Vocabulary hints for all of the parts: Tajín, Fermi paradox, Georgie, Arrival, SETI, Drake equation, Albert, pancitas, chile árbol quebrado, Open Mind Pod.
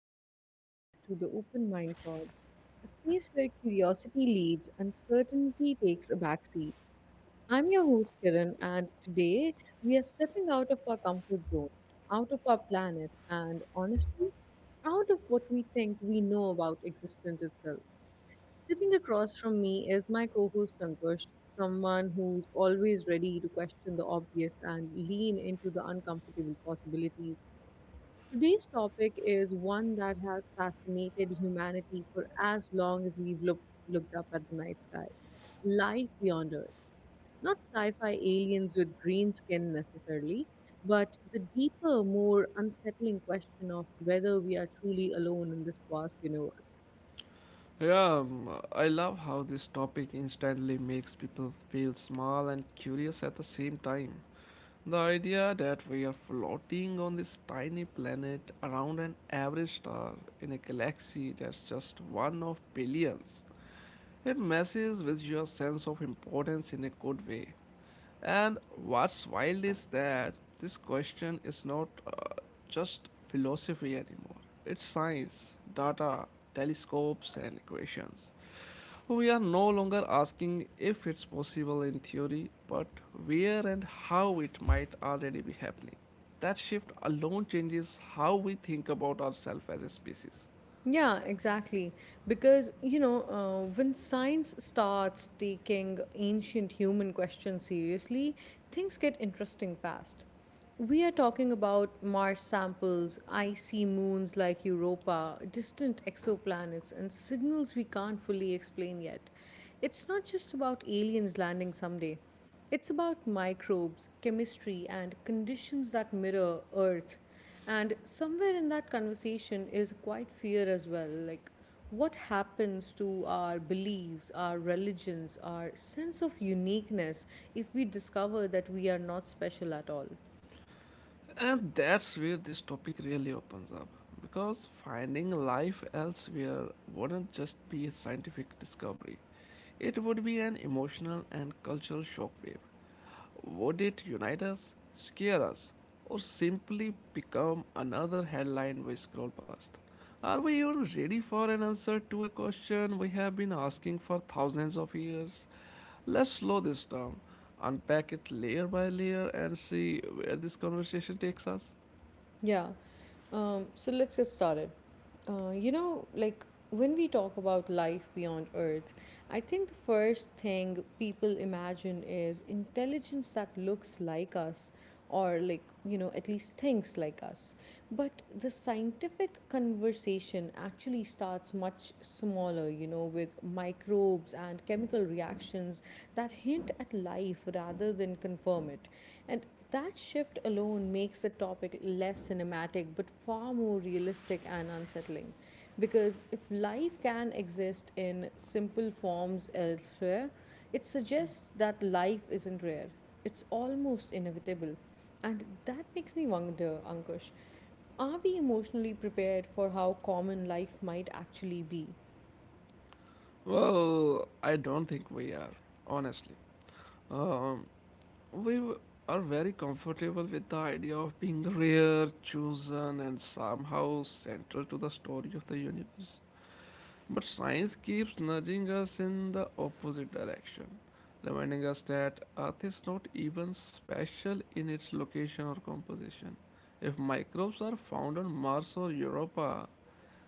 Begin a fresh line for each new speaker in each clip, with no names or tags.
and welcome back to the Open Mind Pod, a space where curiosity leads and certainty takes a backseat. I'm your host Kiran, and today we are stepping out of our comfort zone, out of our planet, and honestly, out of what we think we know about existence itself. Sitting across from me is my co host Ankush, someone who's always ready to question the obvious and lean into the uncomfortable possibilities. Today's topic is one that has fascinated humanity for as long as we've looked up at the night sky, life beyond Earth. Not sci fi aliens with green skin necessarily, but the deeper, more unsettling question of whether we are truly alone in this vast universe.
Yeah, I love how this topic instantly makes people feel small and curious at the same time. The idea that we are floating on this tiny planet around an average star in a galaxy that's just one of billions, it messes with your sense of importance in a good way. And what's wild is that this question is not just philosophy anymore. It's science, data, telescopes, and equations. We are no longer asking if it's possible in theory, but where and how it might already be happening. That shift alone changes how we think about ourselves as a species.
Yeah, exactly. Because, when science starts taking ancient human questions seriously, things get interesting fast. We are talking about Mars samples, icy moons like Europa, distant exoplanets, and signals we can't fully explain yet. It's not just about aliens landing someday. It's about microbes, chemistry, and conditions that mirror Earth. And somewhere in that conversation is quite fear as well. Like, what happens to our beliefs, our religions, our sense of uniqueness if we discover that we are not special at all?
And that's where this topic really opens up, because finding life elsewhere wouldn't just be a scientific discovery, it would be an emotional and cultural shockwave. Would it unite us, scare us, or simply become another headline we scroll past? Are we even ready for an answer to a question we have been asking for thousands of years? Let's slow this down, unpack it layer by layer, and see where this conversation takes us.
Yeah. So let's get started. Like when we talk about life beyond Earth, I think the first thing people imagine is intelligence that looks like us or like at least thinks like us, but the scientific conversation actually starts much smaller, with microbes and chemical reactions that hint at life rather than confirm it, and that shift alone makes the topic less cinematic but far more realistic and unsettling. Because if life can exist in simple forms elsewhere, it suggests that life isn't rare, it's almost inevitable. And that makes me wonder, Ankush, are we emotionally prepared for how common life might actually be?
Well, I don't think we are, honestly. Um, we w- are very comfortable with the idea of being rare, chosen, and somehow central to the story of the universe. But science keeps nudging us in the opposite direction, reminding us that Earth is not even special in its location or composition. If microbes are found on Mars or Europa,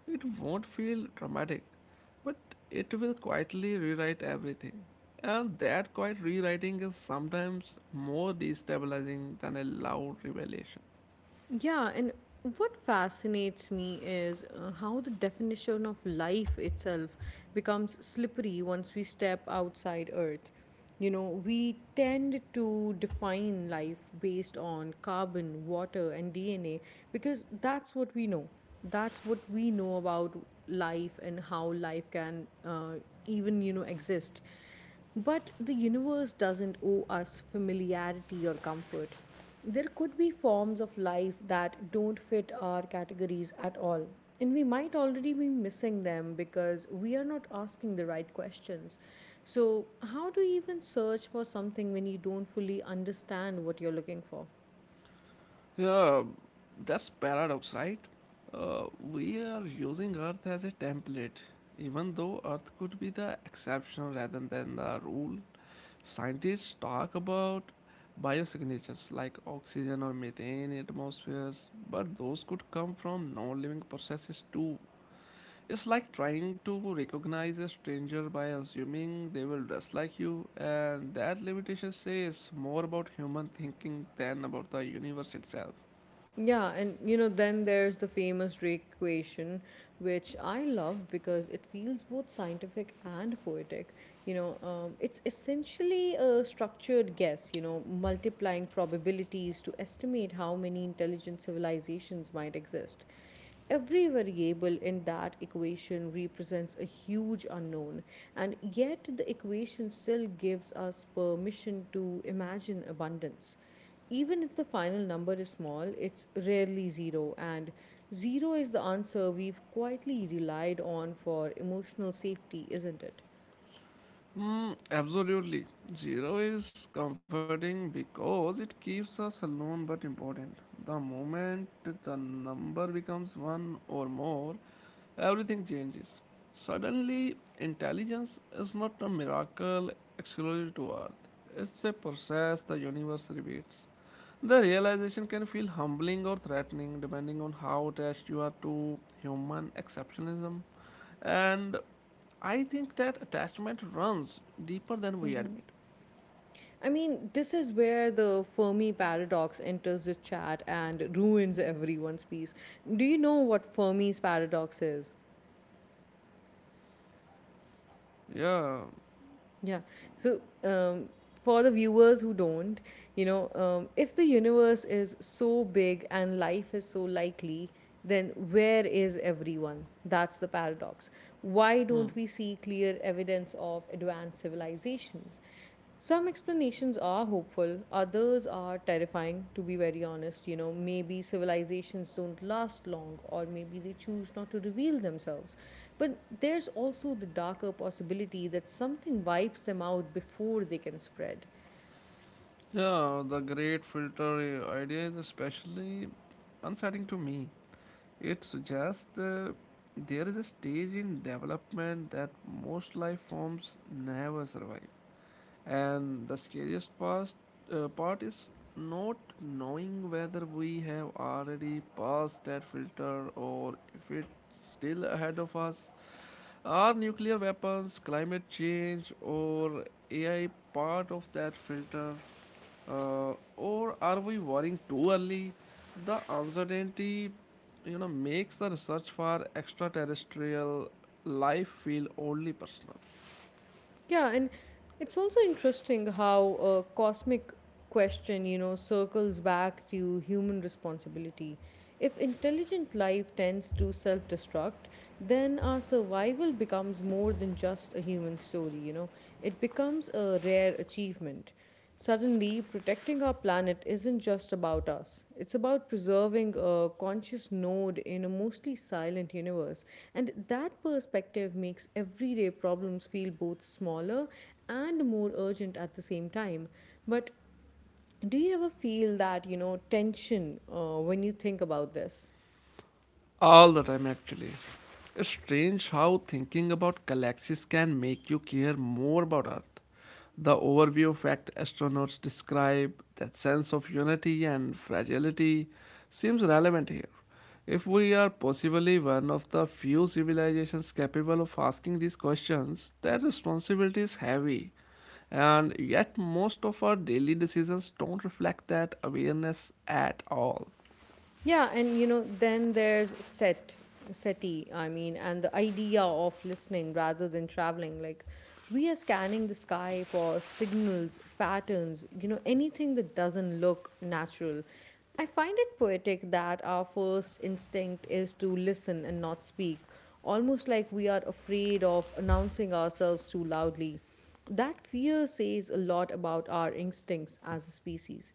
it won't feel dramatic, but it will quietly rewrite everything. And that quiet rewriting is sometimes more destabilizing than a loud revelation.
Yeah, and what fascinates me is how the definition of life itself becomes slippery once we step outside Earth. You know, we tend to define life based on carbon, water, and DNA because that's what we know. That's what we know about life and how life can even, exist. But the universe doesn't owe us familiarity or comfort. There could be forms of life that don't fit our categories at all. And we might already be missing them because we are not asking the right questions. So, how do you even search for something when you don't fully understand what you're looking for?
Yeah, that's paradox, right? We are using Earth as a template, even though Earth could be the exception rather than the rule. Scientists talk about biosignatures like oxygen or methane in atmospheres, but those could come from non living processes too. It's like trying to recognize a stranger by assuming they will dress like you, and that limitation says more about human thinking than about the universe itself.
Yeah, and you know, then there's the famous Drake equation, which I love because it feels both scientific and poetic. It's essentially a structured guess, multiplying probabilities to estimate how many intelligent civilizations might exist. Every variable in that equation represents a huge unknown, and yet the equation still gives us permission to imagine abundance. Even if the final number is small, it's rarely zero, and zero is the answer we've quietly relied on for emotional safety, isn't it?
Hmm, absolutely. Zero is comforting because it keeps us alone but important. The moment the number becomes one or more, everything changes. Suddenly, intelligence is not a miracle exclusive to Earth. It's a process the universe repeats. The realization can feel humbling or threatening depending on how attached you are to human exceptionalism. And I think that attachment runs deeper than we admit.
I mean, this is where the Fermi paradox enters the chat and ruins everyone's peace. Do you know what Fermi's paradox is?
Yeah.
Yeah. So, for the viewers who don't, if the universe is so big and life is so likely, then where is everyone? That's the paradox. Why don't
Hmm.
we see clear evidence of advanced civilizations? Some explanations are hopeful, others are terrifying, to be very honest. You know, maybe civilizations don't last long, or maybe they choose not to reveal themselves. But there's also the darker possibility that something wipes them out before they can spread.
Yeah, the great filter idea is especially unsettling to me. It suggests there is a stage in development that most life forms never survive. And the scariest part is not knowing whether we have already passed that filter or if it's still ahead of us. Are nuclear weapons, climate change, or AI part of that filter? Or are we worrying too early? The uncertainty, makes the research for extraterrestrial life feel only personal.
Yeah, and it's also interesting how a cosmic question, circles back to human responsibility. If intelligent life tends to self destruct, then our survival becomes more than just a human story, it becomes a rare achievement. Suddenly, protecting our planet isn't just about us. It's about preserving a conscious node in a mostly silent universe. And that perspective makes everyday problems feel both smaller and more urgent at the same time. But do you ever feel that, tension when you think about this?
All the time, actually. It's strange how thinking about galaxies can make you care more about Earth. The overview of fact astronauts describe, that sense of unity and fragility, seems relevant here. If we are possibly one of the few civilizations capable of asking these questions, that responsibility is heavy. And yet, most of our daily decisions don't reflect that awareness at all.
Yeah, and you know, then there's SETI, I mean, and the idea of listening rather than traveling. Like we are scanning the sky for signals, patterns, anything that doesn't look natural. I find it poetic that our first instinct is to listen and not speak, almost like we are afraid of announcing ourselves too loudly. That fear says a lot about our instincts as a species.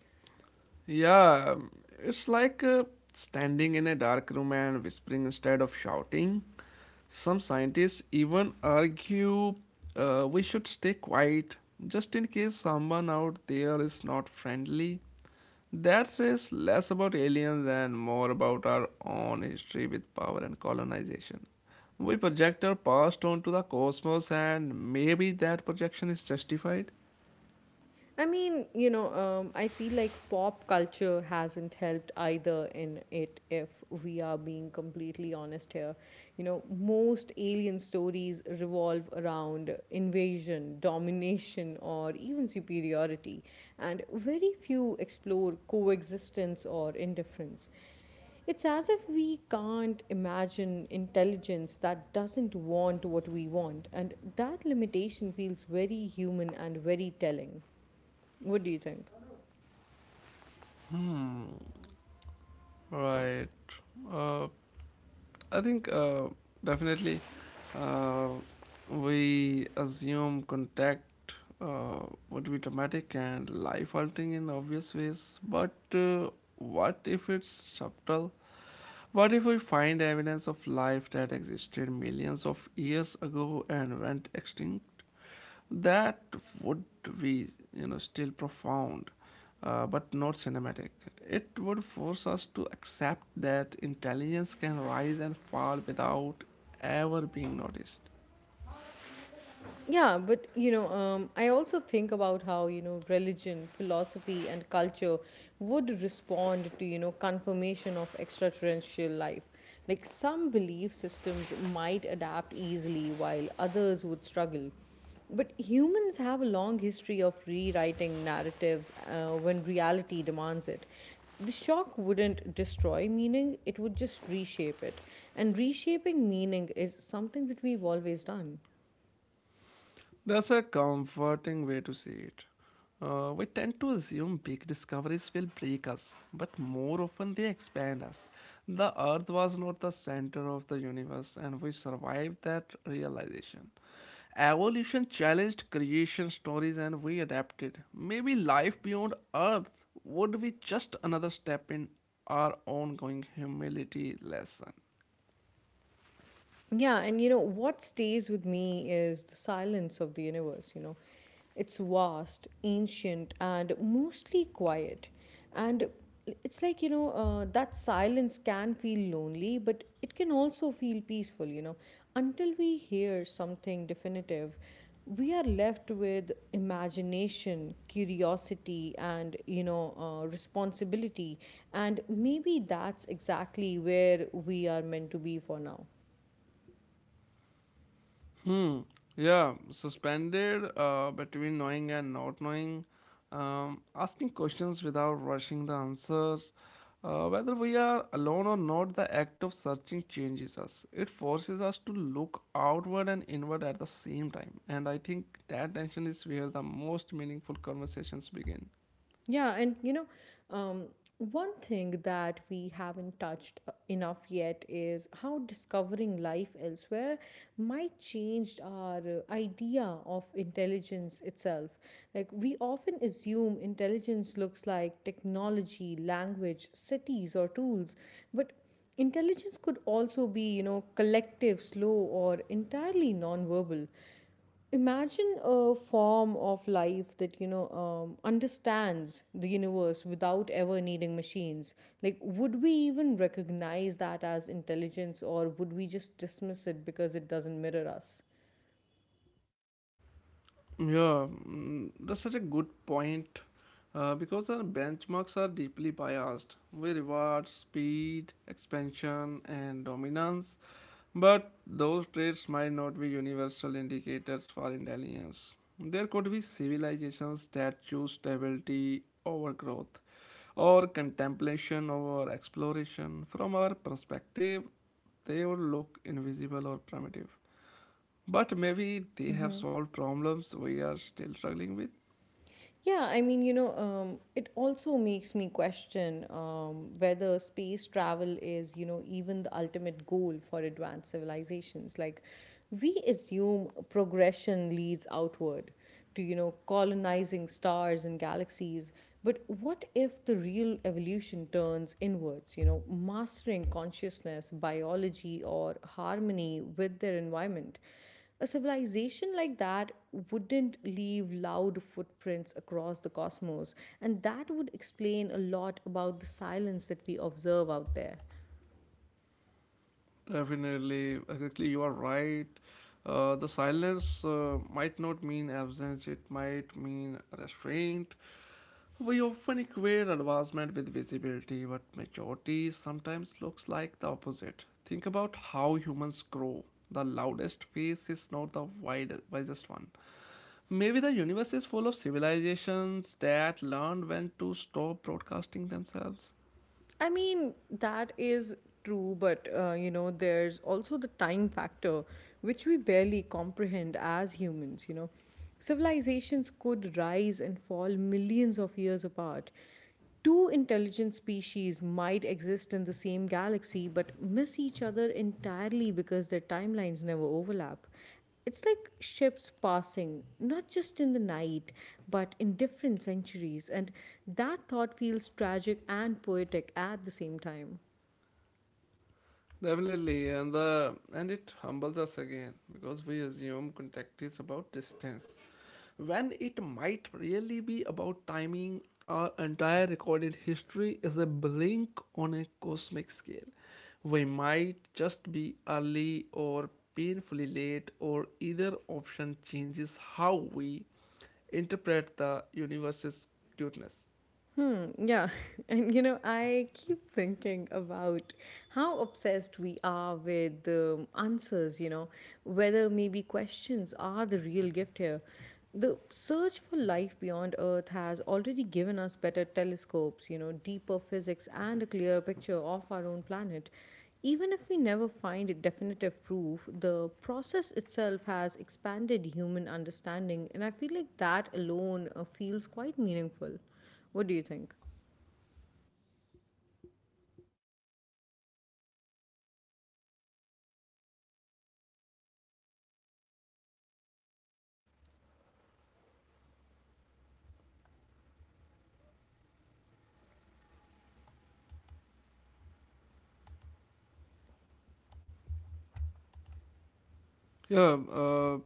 Yeah, um, it's like standing in a dark room and whispering instead of shouting. Some scientists even argue we should stay quiet just in case someone out there is not friendly. That says less about aliens and more about our own history with power and colonization. We project our past onto the cosmos, and maybe that projection is justified.
I feel like pop culture hasn't helped either in it, if we are being completely honest here. You know, most alien stories revolve around invasion, domination, or even superiority, and very few explore coexistence or indifference. It's as if we can't imagine intelligence that doesn't want what we want, and that limitation feels very human and very telling. What do you think?
Right. Uh, I think definitely uh, we assume contact uh, would be traumatic and life altering in obvious ways, but what if it's subtle? What if we find evidence of life that existed millions of years ago and went extinct? That would be, you know, still profound, but not cinematic. It would force us to accept that intelligence can rise and fall without ever being noticed.
Yeah, but I also think about how religion, philosophy, and culture would respond to confirmation of extraterrestrial life. Like some belief systems might adapt easily, while others would struggle. But humans have a long history of rewriting narratives when reality demands it. The shock wouldn't destroy meaning; it would just reshape it, and reshaping meaning is something that we've always done.
That's a comforting way to see it. We tend to assume big discoveries will break us, but more often they expand us. The Earth was not the center of the universe, and we survived that realization. Evolution challenged creation stories, and we adapted. Maybe life beyond Earth would be just another step in our ongoing humility lesson.
Yeah, and you know, what stays with me is the silence of the universe, you know. It's vast, ancient, and mostly quiet. And it's like, that silence can feel lonely, but it can also feel peaceful, you know. Until we hear something definitive, we are left with imagination, curiosity, and, responsibility. And maybe that's exactly where we are meant to be for now.
Hmm. Yeah, suspended between knowing and not knowing, asking questions without rushing the answers. Whether we are alone or not, the act of searching changes us. It forces us to look outward and inward at the same time. And I think that tension is where the most meaningful conversations begin.
Yeah, and um, one thing that we haven't touched enough yet is how discovering life elsewhere might change our idea of intelligence itself. Like, we often assume intelligence looks like technology, language, cities, or tools, but intelligence could also be, collective, slow, or entirely nonverbal. Imagine a form of life that, understands the universe without ever needing machines. Like, would we even recognize that as intelligence, or would we just dismiss it because it doesn't mirror us?
Yeah, that's such a good point because our benchmarks are deeply biased. We reward speed, expansion, and dominance, but those traits might not be universal indicators for intelligence. There could be civilizations that choose stability over growth, or contemplation over exploration. From our perspective, they would look invisible or primitive. But maybe they have solved problems we are still struggling with.
Yeah, it also makes me question whether space travel is, even the ultimate goal for advanced civilizations. Like, we assume progression leads outward to, colonizing stars and galaxies. But what if the real evolution turns inwards, mastering consciousness, biology, or harmony with their environment? A civilization like that wouldn't leave loud footprints across the cosmos, and that would explain a lot about the silence that we observe out there.
Definitely, exactly, you are right. The silence might not mean absence, it might mean restraint. We often equate advancement with visibility, but maturity sometimes looks like the opposite. Think about how humans grow. The loudest face is not the wide, wisest one. Maybe the universe is full of civilizations that learned when to stop broadcasting themselves.
I mean, that is true, but there's also the time factor, which we barely comprehend as humans, you know. Civilizations could rise and fall millions of years apart. Two intelligent species might exist in the same galaxy but miss each other entirely because their timelines never overlap. It's like ships passing, not just in the night, but in different centuries, and that thought feels tragic and poetic at the same time.
Definitely, and it humbles us again because we assume contact is about distance when it might really be about timing. Our entire recorded history is a blink on a cosmic scale. We might just be early or painfully late, or either option changes how we interpret the universe's cuteness.
Hmm, yeah. And you know, I keep thinking about how obsessed we are with answers, whether maybe questions are the real gift here. The search for life beyond Earth has already given us better telescopes, deeper physics, and a clearer picture of our own planet. Even if we never find a definitive proof, the process itself has expanded human understanding, and I feel like that alone feels quite meaningful. What do you think?
Yeah, uh,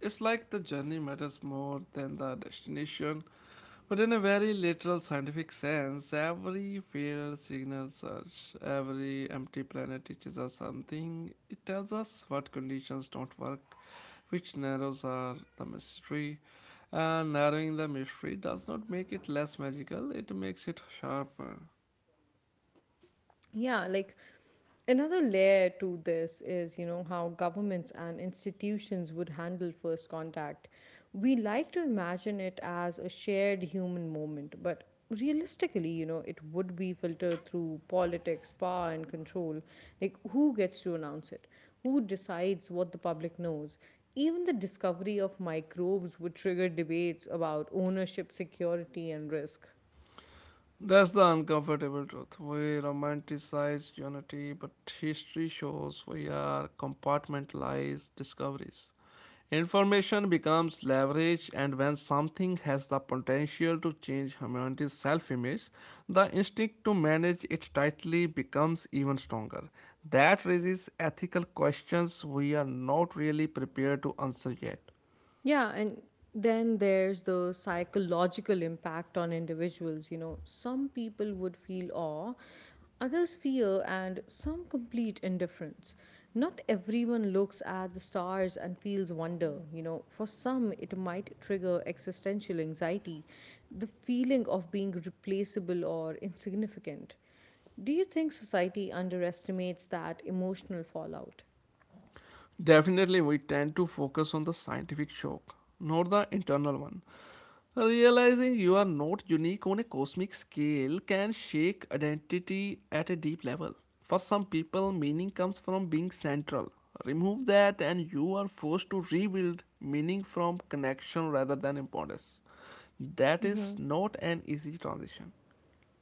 it's like the journey matters more than the destination. But in a very literal scientific sense, every failed signal search, every empty planet teaches us something. It tells us what conditions don't work, which narrows are the mystery. And narrowing the mystery does not make it less magical, it makes it sharper.
Yeah, like another layer to this is, how governments and institutions would handle first contact. We like to imagine it as a shared human moment, but realistically, it would be filtered through politics, power, and control. Like, who gets to announce it? Who decides what the public knows? Even the discovery of microbes would trigger debates about ownership, security, and risk.
That's the uncomfortable truth. We romanticize unity, but history shows we are compartmentalized discoveries. Information becomes leverage, and when something has the potential to change humanity's self image, the instinct to manage it tightly becomes even stronger. That raises ethical questions we are not really prepared to answer yet.
Yeah, and then there's the psychological impact on individuals. You know, some people would feel awe, others fear, and some complete indifference. Not everyone looks at the stars and feels wonder. You know, for some, it might trigger existential anxiety, the feeling of being replaceable or insignificant. Do you think society underestimates that emotional fallout?
Definitely, we tend to focus on the scientific shock, not the internal one. Realizing you are not unique on a cosmic scale can shake identity at a deep level. For some people, meaning comes from being central. Remove that, and you are forced to rebuild meaning from connection rather than importance. That is not an easy transition.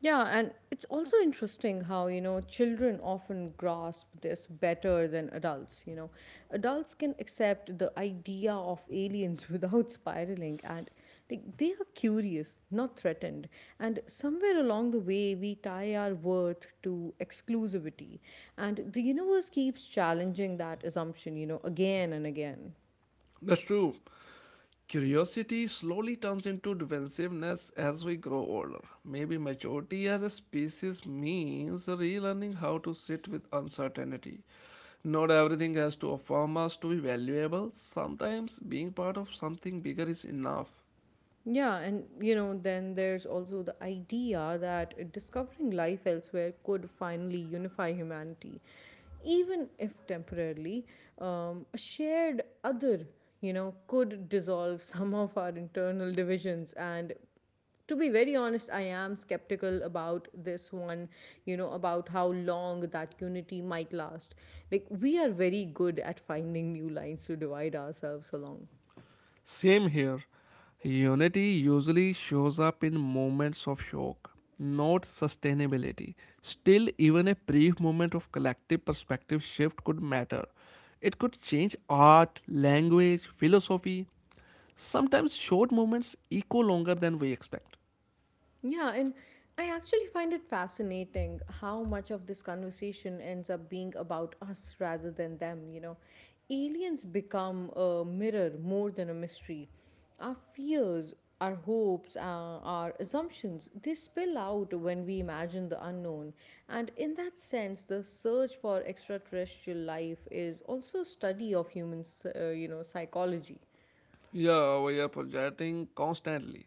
Yeah, and it's also interesting how, children often grasp this better than adults, you know. Adults can accept the idea of aliens without spiraling, and like they are curious, not threatened. And somewhere along the way we tie our worth to exclusivity. And the universe keeps challenging that assumption, again and again.
That's true. Curiosity slowly turns into defensiveness as we grow older. Maybe maturity as a species means relearning how to sit with uncertainty. Not everything has to affirm us to be valuable. Sometimes being part of something bigger is enough.
Yeah, and you know, then there's also the idea that discovering life elsewhere could finally unify humanity, even if temporarily. A shared other, could dissolve some of our internal divisions. And to be very honest, I am skeptical about this one, you know, about how long that unity might last. Like, we are very good at finding new lines to divide ourselves along.
Same here. Unity usually shows up in moments of shock, not sustainability. Still, even a brief moment of collective perspective shift could matter. It could change art, language, philosophy. Sometimes short moments echo longer than we expect.
Yeah, and I actually find it fascinating how much of this conversation ends up being about us rather than them, you know. Aliens become a mirror more than a mystery. Our fears, our hopes, our assumptions, they spill out when we imagine the unknown. And in that sense, the search for extraterrestrial life is also a study of human, psychology.
Yeah, we are projecting constantly.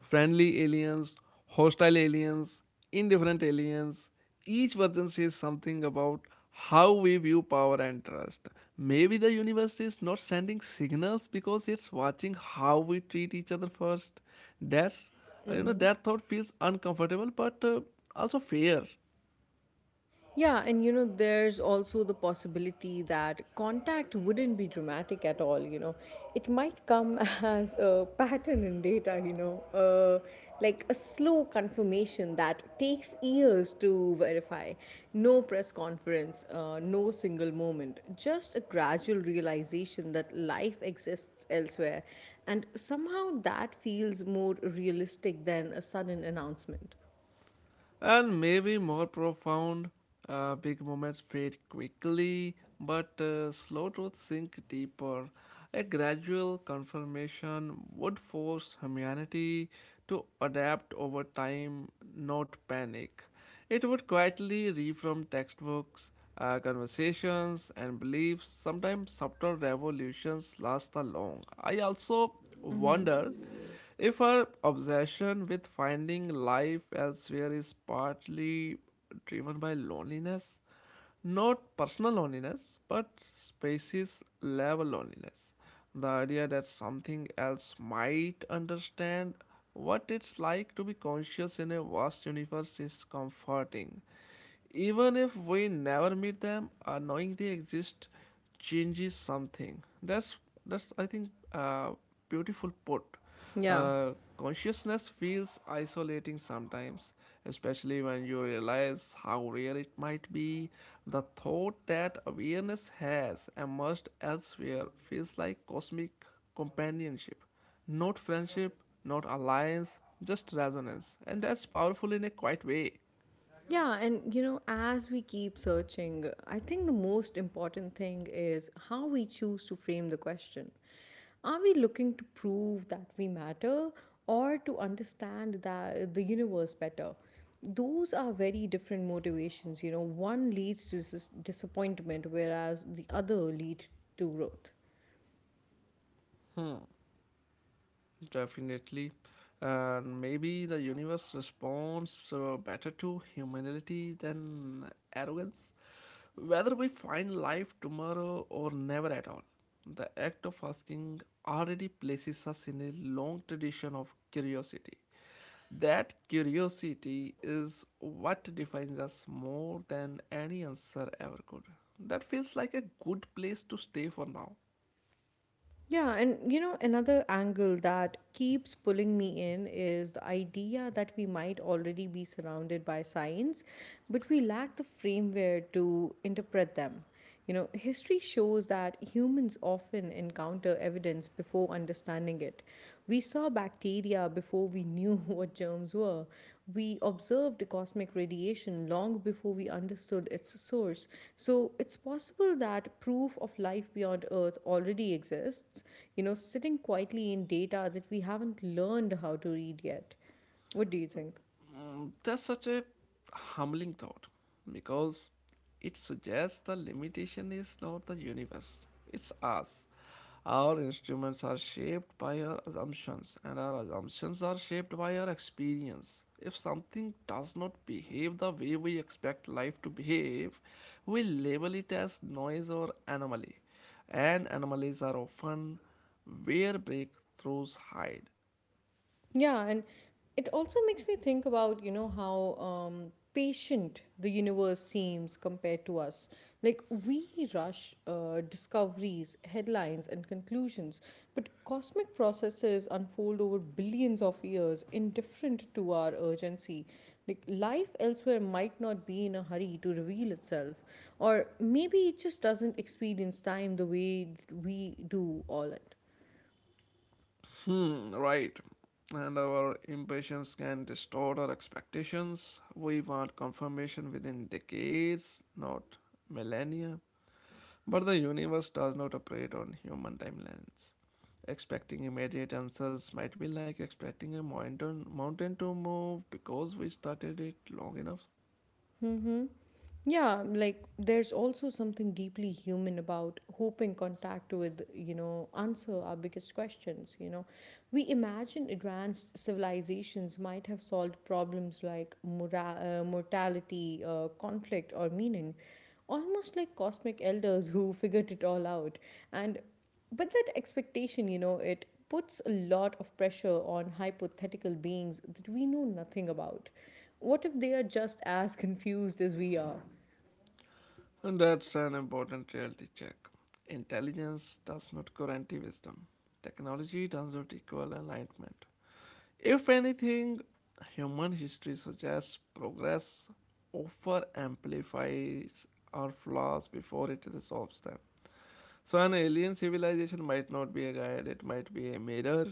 Friendly aliens, hostile aliens, indifferent aliens. Each version says something about how we view power and trust. Maybe the universe is not sending signals because it's watching how we treat each other first. That's, that thought feels uncomfortable but also fair.
Yeah, and you know, there's also the possibility that contact wouldn't be dramatic at all, you know. It might come as a pattern in data, like a slow confirmation that takes years to verify. No press conference, no single moment, just a gradual realization that life exists elsewhere. And somehow that feels more realistic than a sudden announcement.
And maybe more profound. Big moments fade quickly, but slow truths sink deeper. A gradual confirmation would force humanity to adapt over time, not panic. It would quietly reform textbooks, conversations, and beliefs. Sometimes subtle revolutions last the long. I also wonder if our obsession with finding life elsewhere is partly driven by loneliness, not personal loneliness, but species level loneliness, the idea that something else might understand what it's like to be conscious in a vast universe is comforting. Even if we never meet them, knowing they exist changes something. That's I think beautiful put.
Yeah.
Consciousness feels isolating sometimes, especially when you realize how rare it might be. The thought that awareness has emerged elsewhere feels like cosmic companionship. Not friendship, not alliance, just resonance. And that's powerful in a quiet way.
Yeah, and you know, as we keep searching, I think the most important thing is how we choose to frame the question. Are we looking to prove that we matter or to understand that the universe better? Those are very different motivations. You know, one leads to disappointment, whereas the other lead to growth.
Definitely. And maybe the universe responds better to humility than arrogance. Whether we find life tomorrow or never at all, the act of asking already places us in a long tradition of curiosity. That curiosity is what defines us more than any answer ever could. That feels like a good place to stay for now.
Yeah, and you know, another angle that keeps pulling me in is the idea that we might already be surrounded by signs, but we lack the framework to interpret them. You know, history shows that humans often encounter evidence before understanding it. We saw bacteria before we knew what germs were. We observed cosmic radiation long before we understood its source. So it's possible that proof of life beyond Earth already exists, you know, sitting quietly in data that we haven't learned how to read yet. What do you think?
Mm, that's such a humbling thought because it suggests the limitation is not the universe, it's us. Our instruments are shaped by our assumptions, and our assumptions are shaped by our experience. If something does not behave the way we expect life to behave, we label it as noise or anomaly, and anomalies are often where breakthroughs hide.
Yeah, and it also makes me think about, you know, how patient the universe seems compared to us. Like, we rush discoveries, headlines, and conclusions, but cosmic processes unfold over billions of years, indifferent to our urgency. Like, life elsewhere might not be in a hurry to reveal itself, or maybe it just doesn't experience time the way we do all it.
Hmm, right. And our impatience can distort our expectations. We want confirmation within decades, not millennia. But the universe does not operate on human timelines. Expecting immediate answers might be like expecting a mountain to move because we started it long enough.
Mm-hmm. Yeah, like there's also something deeply human about hoping contact with, you know, answer our biggest questions, you know. We imagine advanced civilizations might have solved problems like mortality, conflict, or meaning, almost like cosmic elders who figured it all out. And but that expectation, you know, it puts a lot of pressure on hypothetical beings that we know nothing about. What if they are just as confused as we are?
And that's an important reality check. Intelligence does not guarantee wisdom. Technology does not equal enlightenment. If anything, human history suggests progress over amplifies our flaws before it resolves them. So, an alien civilization might not be a guide, it might be a mirror.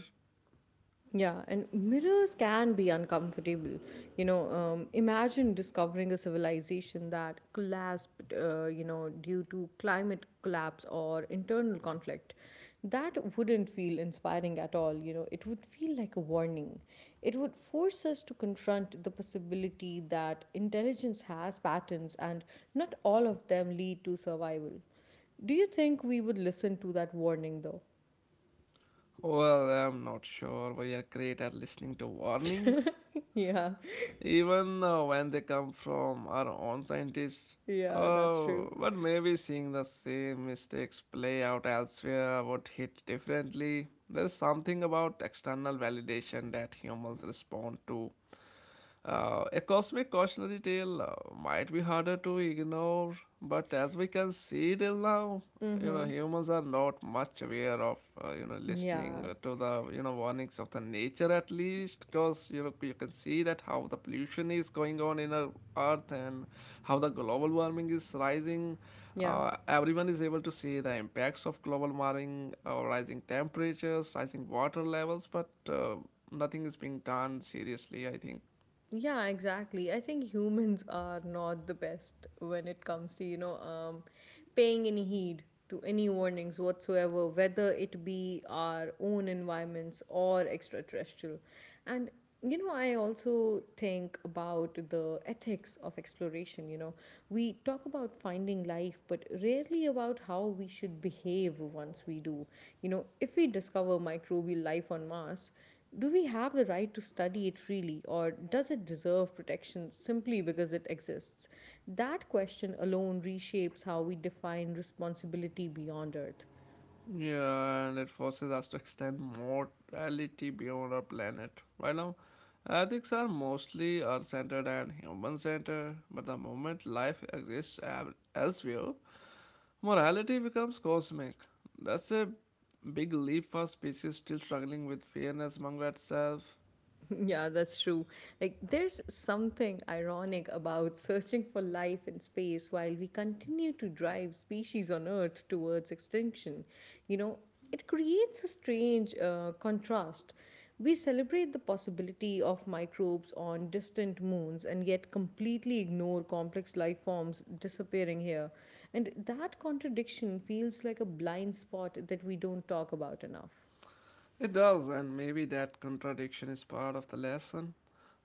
Yeah, and mirrors can be uncomfortable. You know, imagine discovering a civilization that collapsed, you know, due to climate collapse or internal conflict. That wouldn't feel inspiring at all. You know, it would feel like a warning. It would force us to confront the possibility that intelligence has patterns and not all of them lead to survival. Do you think we would listen to that warning though?
Well, I'm not sure. We are great at listening to warnings,
Yeah,
even when they come from our own scientists.
yeah, that's true.
Oh, but maybe seeing the same mistakes play out elsewhere would hit differently. There is something about external validation that humans respond to, a cosmic cautionary tale might be harder to ignore, but as we can see till now, you know, humans are not much aware of, you know, listening
Yeah,
to the, you know, warnings of the nature at least, because, you know, you can see that how the pollution is going on in our earth and how the global warming is rising.
yeah,
Everyone is able to see the impacts of global warming, rising temperatures, rising water levels, but nothing is being done seriously, I think.
yeah, exactly. I think humans are not the best when it comes to, you know, paying any heed to any warnings whatsoever, whether it be our own environments or extraterrestrial. And, you know, I also think about the ethics of exploration. You know, we talk about finding life, but rarely about how we should behave once we do. You know, if we discover microbial life on Mars, do we have the right to study it freely, or does it deserve protection simply because it exists? That question alone reshapes how we define responsibility beyond Earth.
Yeah, and it forces us to extend morality beyond our planet. Right now, ethics are mostly earth centered and human centered, but the moment life exists elsewhere, morality becomes cosmic. That's a big leap for a species still struggling with fairness among itself.
Yeah, that's true. Like, there's something ironic about searching for life in space while we continue to drive species on Earth towards extinction. You know, it creates a strange contrast. We celebrate the possibility of microbes on distant moons and yet completely ignore complex life forms disappearing here. And that contradiction feels like a blind spot that we don't talk about enough.
It does, and maybe that contradiction is part of the lesson.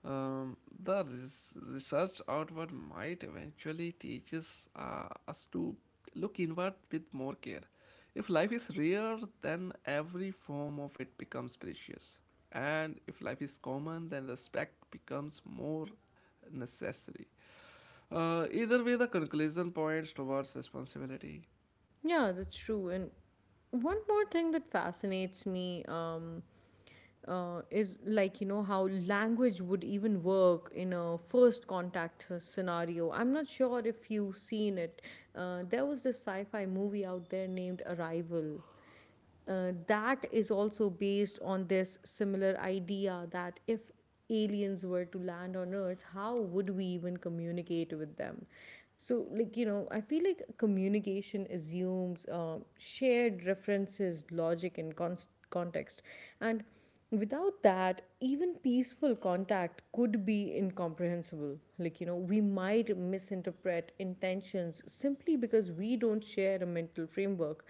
Um, the research outward might eventually teaches us to look inward with more care. If life is rare, then every form of it becomes precious. And if life is common, then respect becomes more necessary. Either way, the conclusion points towards responsibility.
Yeah, that's true. And one more thing that fascinates me is like, you know, how language would even work in a first contact scenario. I'm not sure if you've seen it. There was this sci fi movie out there named Arrival that is also based on this similar idea that if aliens were to land on earth, how would we even communicate with them? So like, you know, I feel like communication assumes shared references, logic, and context, and without that, even peaceful contact could be incomprehensible. Like, you know, we might misinterpret intentions simply because we don't share a mental framework.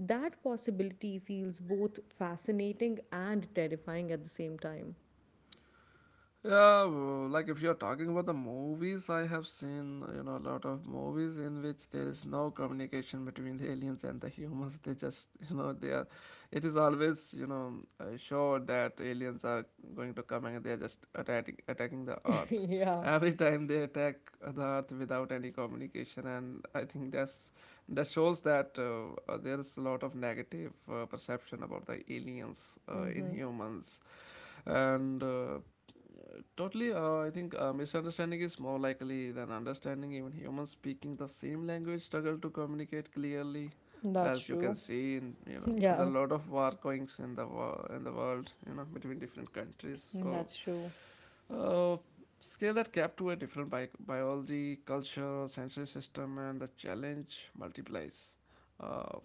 That possibility feels both fascinating and terrifying at the same time.
Yeah, well, like if you're talking about the movies, I have seen, you know, a lot of movies in which there is no communication between the aliens and the humans. They just you know they are. It is always, you know, sure that aliens are going to come and they are just attacking the Earth.
Yeah.
Every time they attack the Earth without any communication, and I think that's that shows that there is a lot of negative perception about the aliens in
Mm-hmm.
humans, and. Totally, I think misunderstanding is more likely than understanding. Even humans speaking the same language struggle to communicate clearly,
That's
as you can
true.
see in, you know, the
Yeah.
lot of war goings in the in the world, you know, between different countries.
Mm,
So,
that's true.
uh, scale that gap to a different biology, culture, or sensory system, and the challenge multiplies. Uh,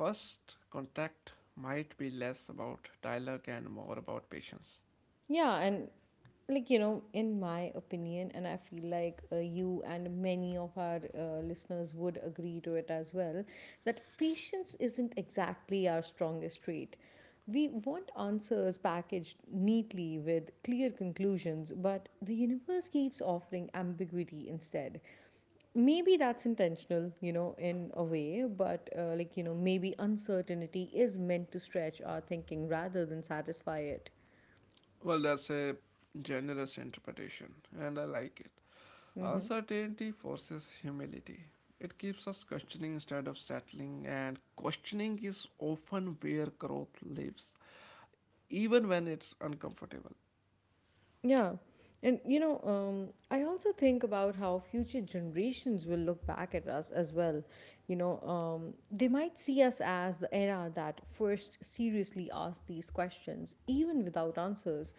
First contact might be less about dialogue and more about patience.
Yeah, and like you know in my opinion, and I feel like you and many of our listeners would agree to it as well, that patience isn't exactly our strongest trait. We want answers packaged neatly with clear conclusions, but the universe keeps offering ambiguity instead. Maybe that's intentional, you know, in a way, but like you know, maybe uncertainty is meant to stretch our thinking rather than satisfy it.
Well, that's a generous interpretation, and I like it.
Mm-hmm.
Uncertainty forces humility. It keeps us questioning instead of settling, and questioning is often where growth lives, even when it's uncomfortable.
Yeah. And you know, I also think about how future generations will look back at us as well. You know, they might see us as the era that first seriously asked these questions, even without answers.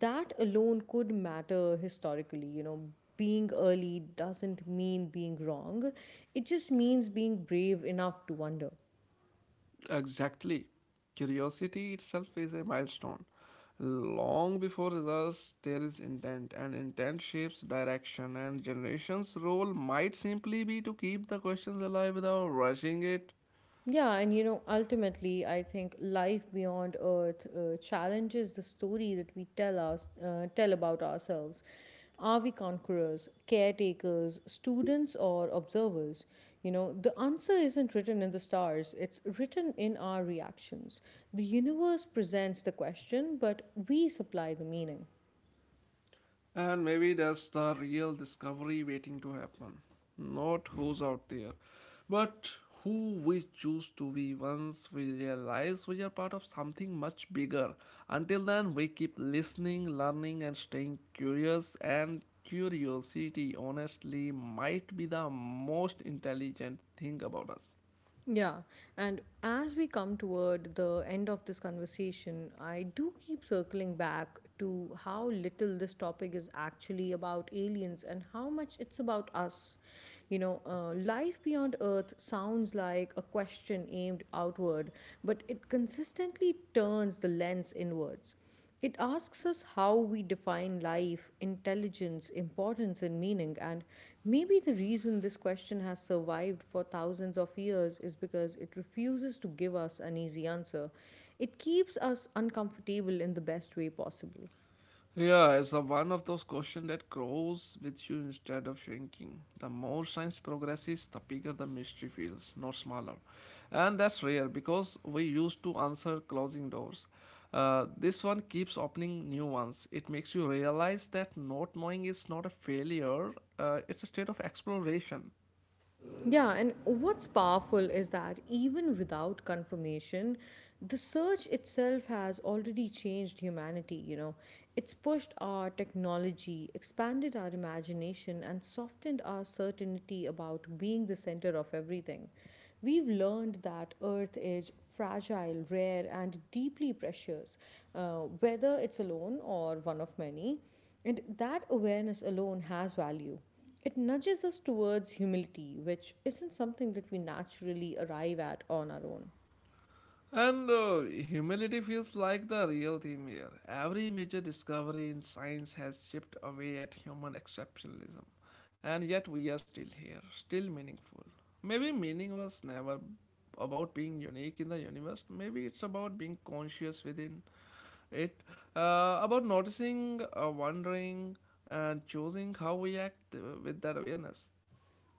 That alone could matter historically. You know, being early doesn't mean being wrong, it just means being brave enough to wonder.
Exactly. Curiosity itself is a milestone. Long before results, there is intent, and intent shapes direction. And generations' role might simply be to keep the questions alive without rushing it.
Yeah, and you know, ultimately, I think life beyond Earth challenges the story that we tell about ourselves. Are we conquerors, caretakers, students, or observers? You know, the answer isn't written in the stars; it's written in our reactions. The universe presents the question, but we supply the meaning.
And maybe that's the real discovery waiting to happen. Not who's out there, but who we choose to be once we realize we are part of something much bigger. Until then, we keep listening, learning, and staying curious. And curiosity, honestly, might be the most intelligent thing about us.
Yeah, and as we come toward the end of this conversation, I do keep circling back to how little this topic is actually about aliens and how much it's about us. You know, life beyond Earth sounds like a question aimed outward, but it consistently turns the lens inwards. It asks us how we define life, intelligence, importance, and meaning. And maybe the reason this question has survived for thousands of years is because it refuses to give us an easy answer. It keeps us uncomfortable in the best way possible.
Yeah, it's a one of those questions that grows with you instead of shrinking. The more science progresses, the bigger the mystery feels, not smaller. And that's rare because we used to answer closing doors. This one keeps opening new ones. It makes you realize that not knowing is not a failure, it's a state of exploration.
Yeah, and what's powerful is that even without confirmation, the search itself has already changed humanity, you know. It's pushed our technology, expanded our imagination, and softened our certainty about being the center of everything. We've learned that Earth is fragile, rare, and deeply precious, whether it's alone or one of many. And that awareness alone has value. It nudges us towards humility, which isn't something that we naturally arrive at on our own.
And Humility feels like the real theme here. Every major discovery in science has chipped away at human exceptionalism, and yet we are still here, still meaningful. Maybe meaning was never about being unique in the universe, maybe it's about being conscious within it, about noticing, wondering, and choosing how we act with that awareness.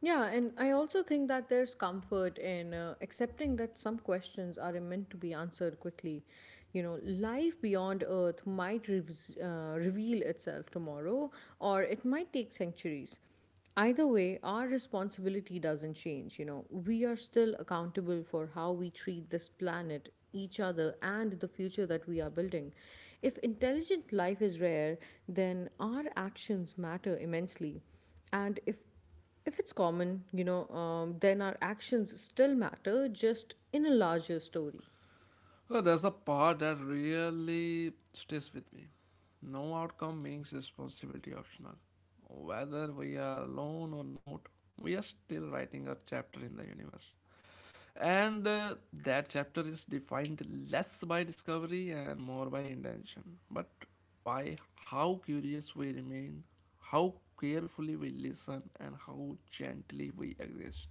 Yeah, and I also think that there's comfort in accepting that some questions are meant to be answered quickly. You know, life beyond Earth might reves reveal itself tomorrow, or it might take centuries. Either way, our responsibility doesn't change. You know, we are still accountable for how we treat this planet, each other, and the future that we are building. If intelligent life is rare, then our actions matter immensely. And if it's common, you know, then our actions still matter, just in a larger story.
Well, there's a part that really stays with me. No outcome makes responsibility optional. Whether we are alone or not, we are still writing a chapter in the universe. And That chapter is defined less by discovery and more by intention, but by how curious we remain, how carefully we listen, and how gently we exist.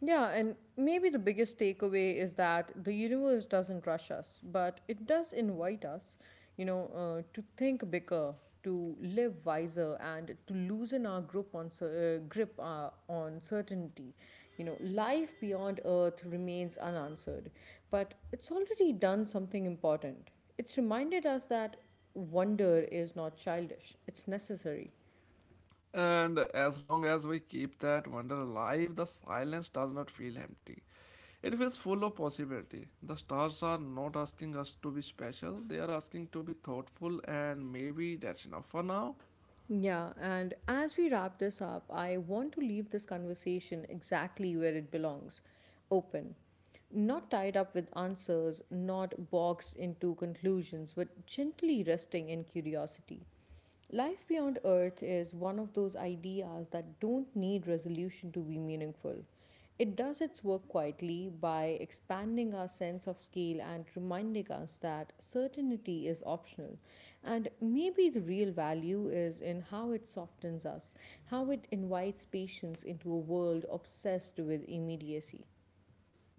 Yeah, and maybe the biggest takeaway is that the universe doesn't rush us, but it does invite us, you know, to think bigger, to live wiser, and to loosen our grip on cer- grip on certainty. You know, life beyond Earth remains unanswered, but it's already done something important. It's reminded us that wonder is not childish; it's necessary.
And as long as we keep that wonder alive, the silence does not feel empty. It feels full of possibility. The stars are not asking us to be special, they are asking to be thoughtful, and maybe that's enough for now.
Yeah, and as we wrap this up, I want to leave this conversation exactly where it belongs, open. Not tied up with answers, not boxed into conclusions, but gently resting in curiosity. Life beyond Earth is one of those ideas that don't need resolution to be meaningful. It does its work quietly by expanding our sense of scale and reminding us that certainty is optional. And maybe the real value is in how it softens us, how it invites patience into a world obsessed with immediacy.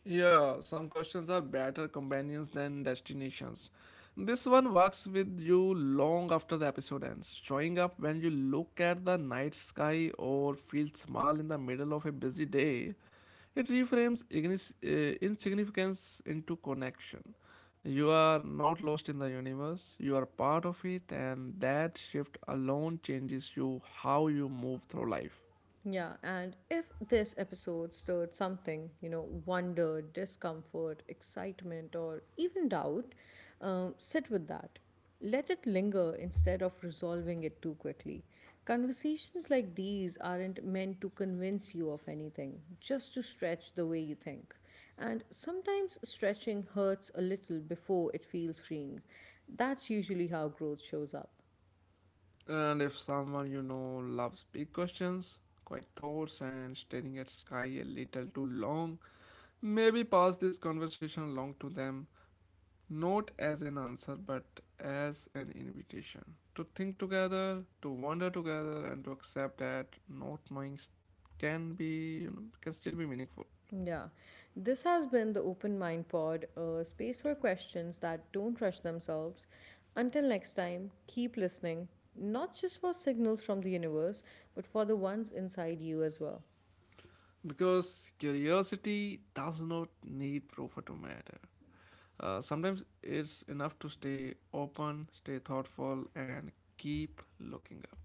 Yeah, some questions are better companions than destinations. This one works with you long after the episode ends, showing up when you look at the night sky or feel small in the middle of a busy day. It reframes insignificance into connection. You are not lost in the universe, you are part of it, and that shift alone changes you how you move through life.
Yeah, and if this episode stirred something, you know, wonder, discomfort, excitement, or even doubt, sit with that. Let it linger instead of resolving it too quickly. Conversations like these aren't meant to convince you of anything, just to stretch the way you think. And sometimes stretching hurts a little before it feels freeing. That's usually how growth shows up.
And if someone you know loves big questions, quiet thoughts, and staring at sky a little too long, maybe pass this conversation along to them, not as an answer but as an invitation to think together, to wonder together, and to accept that not knowing can be, you know, can still be meaningful.
Yeah, this has been the Open Mind Pod, a space for questions that don't rush themselves. Until next time, keep listening, not just for signals from the universe, but for the ones inside you as well.
Because curiosity does not need proof to matter. Sometimes it's enough to stay open, stay thoughtful, and keep looking up.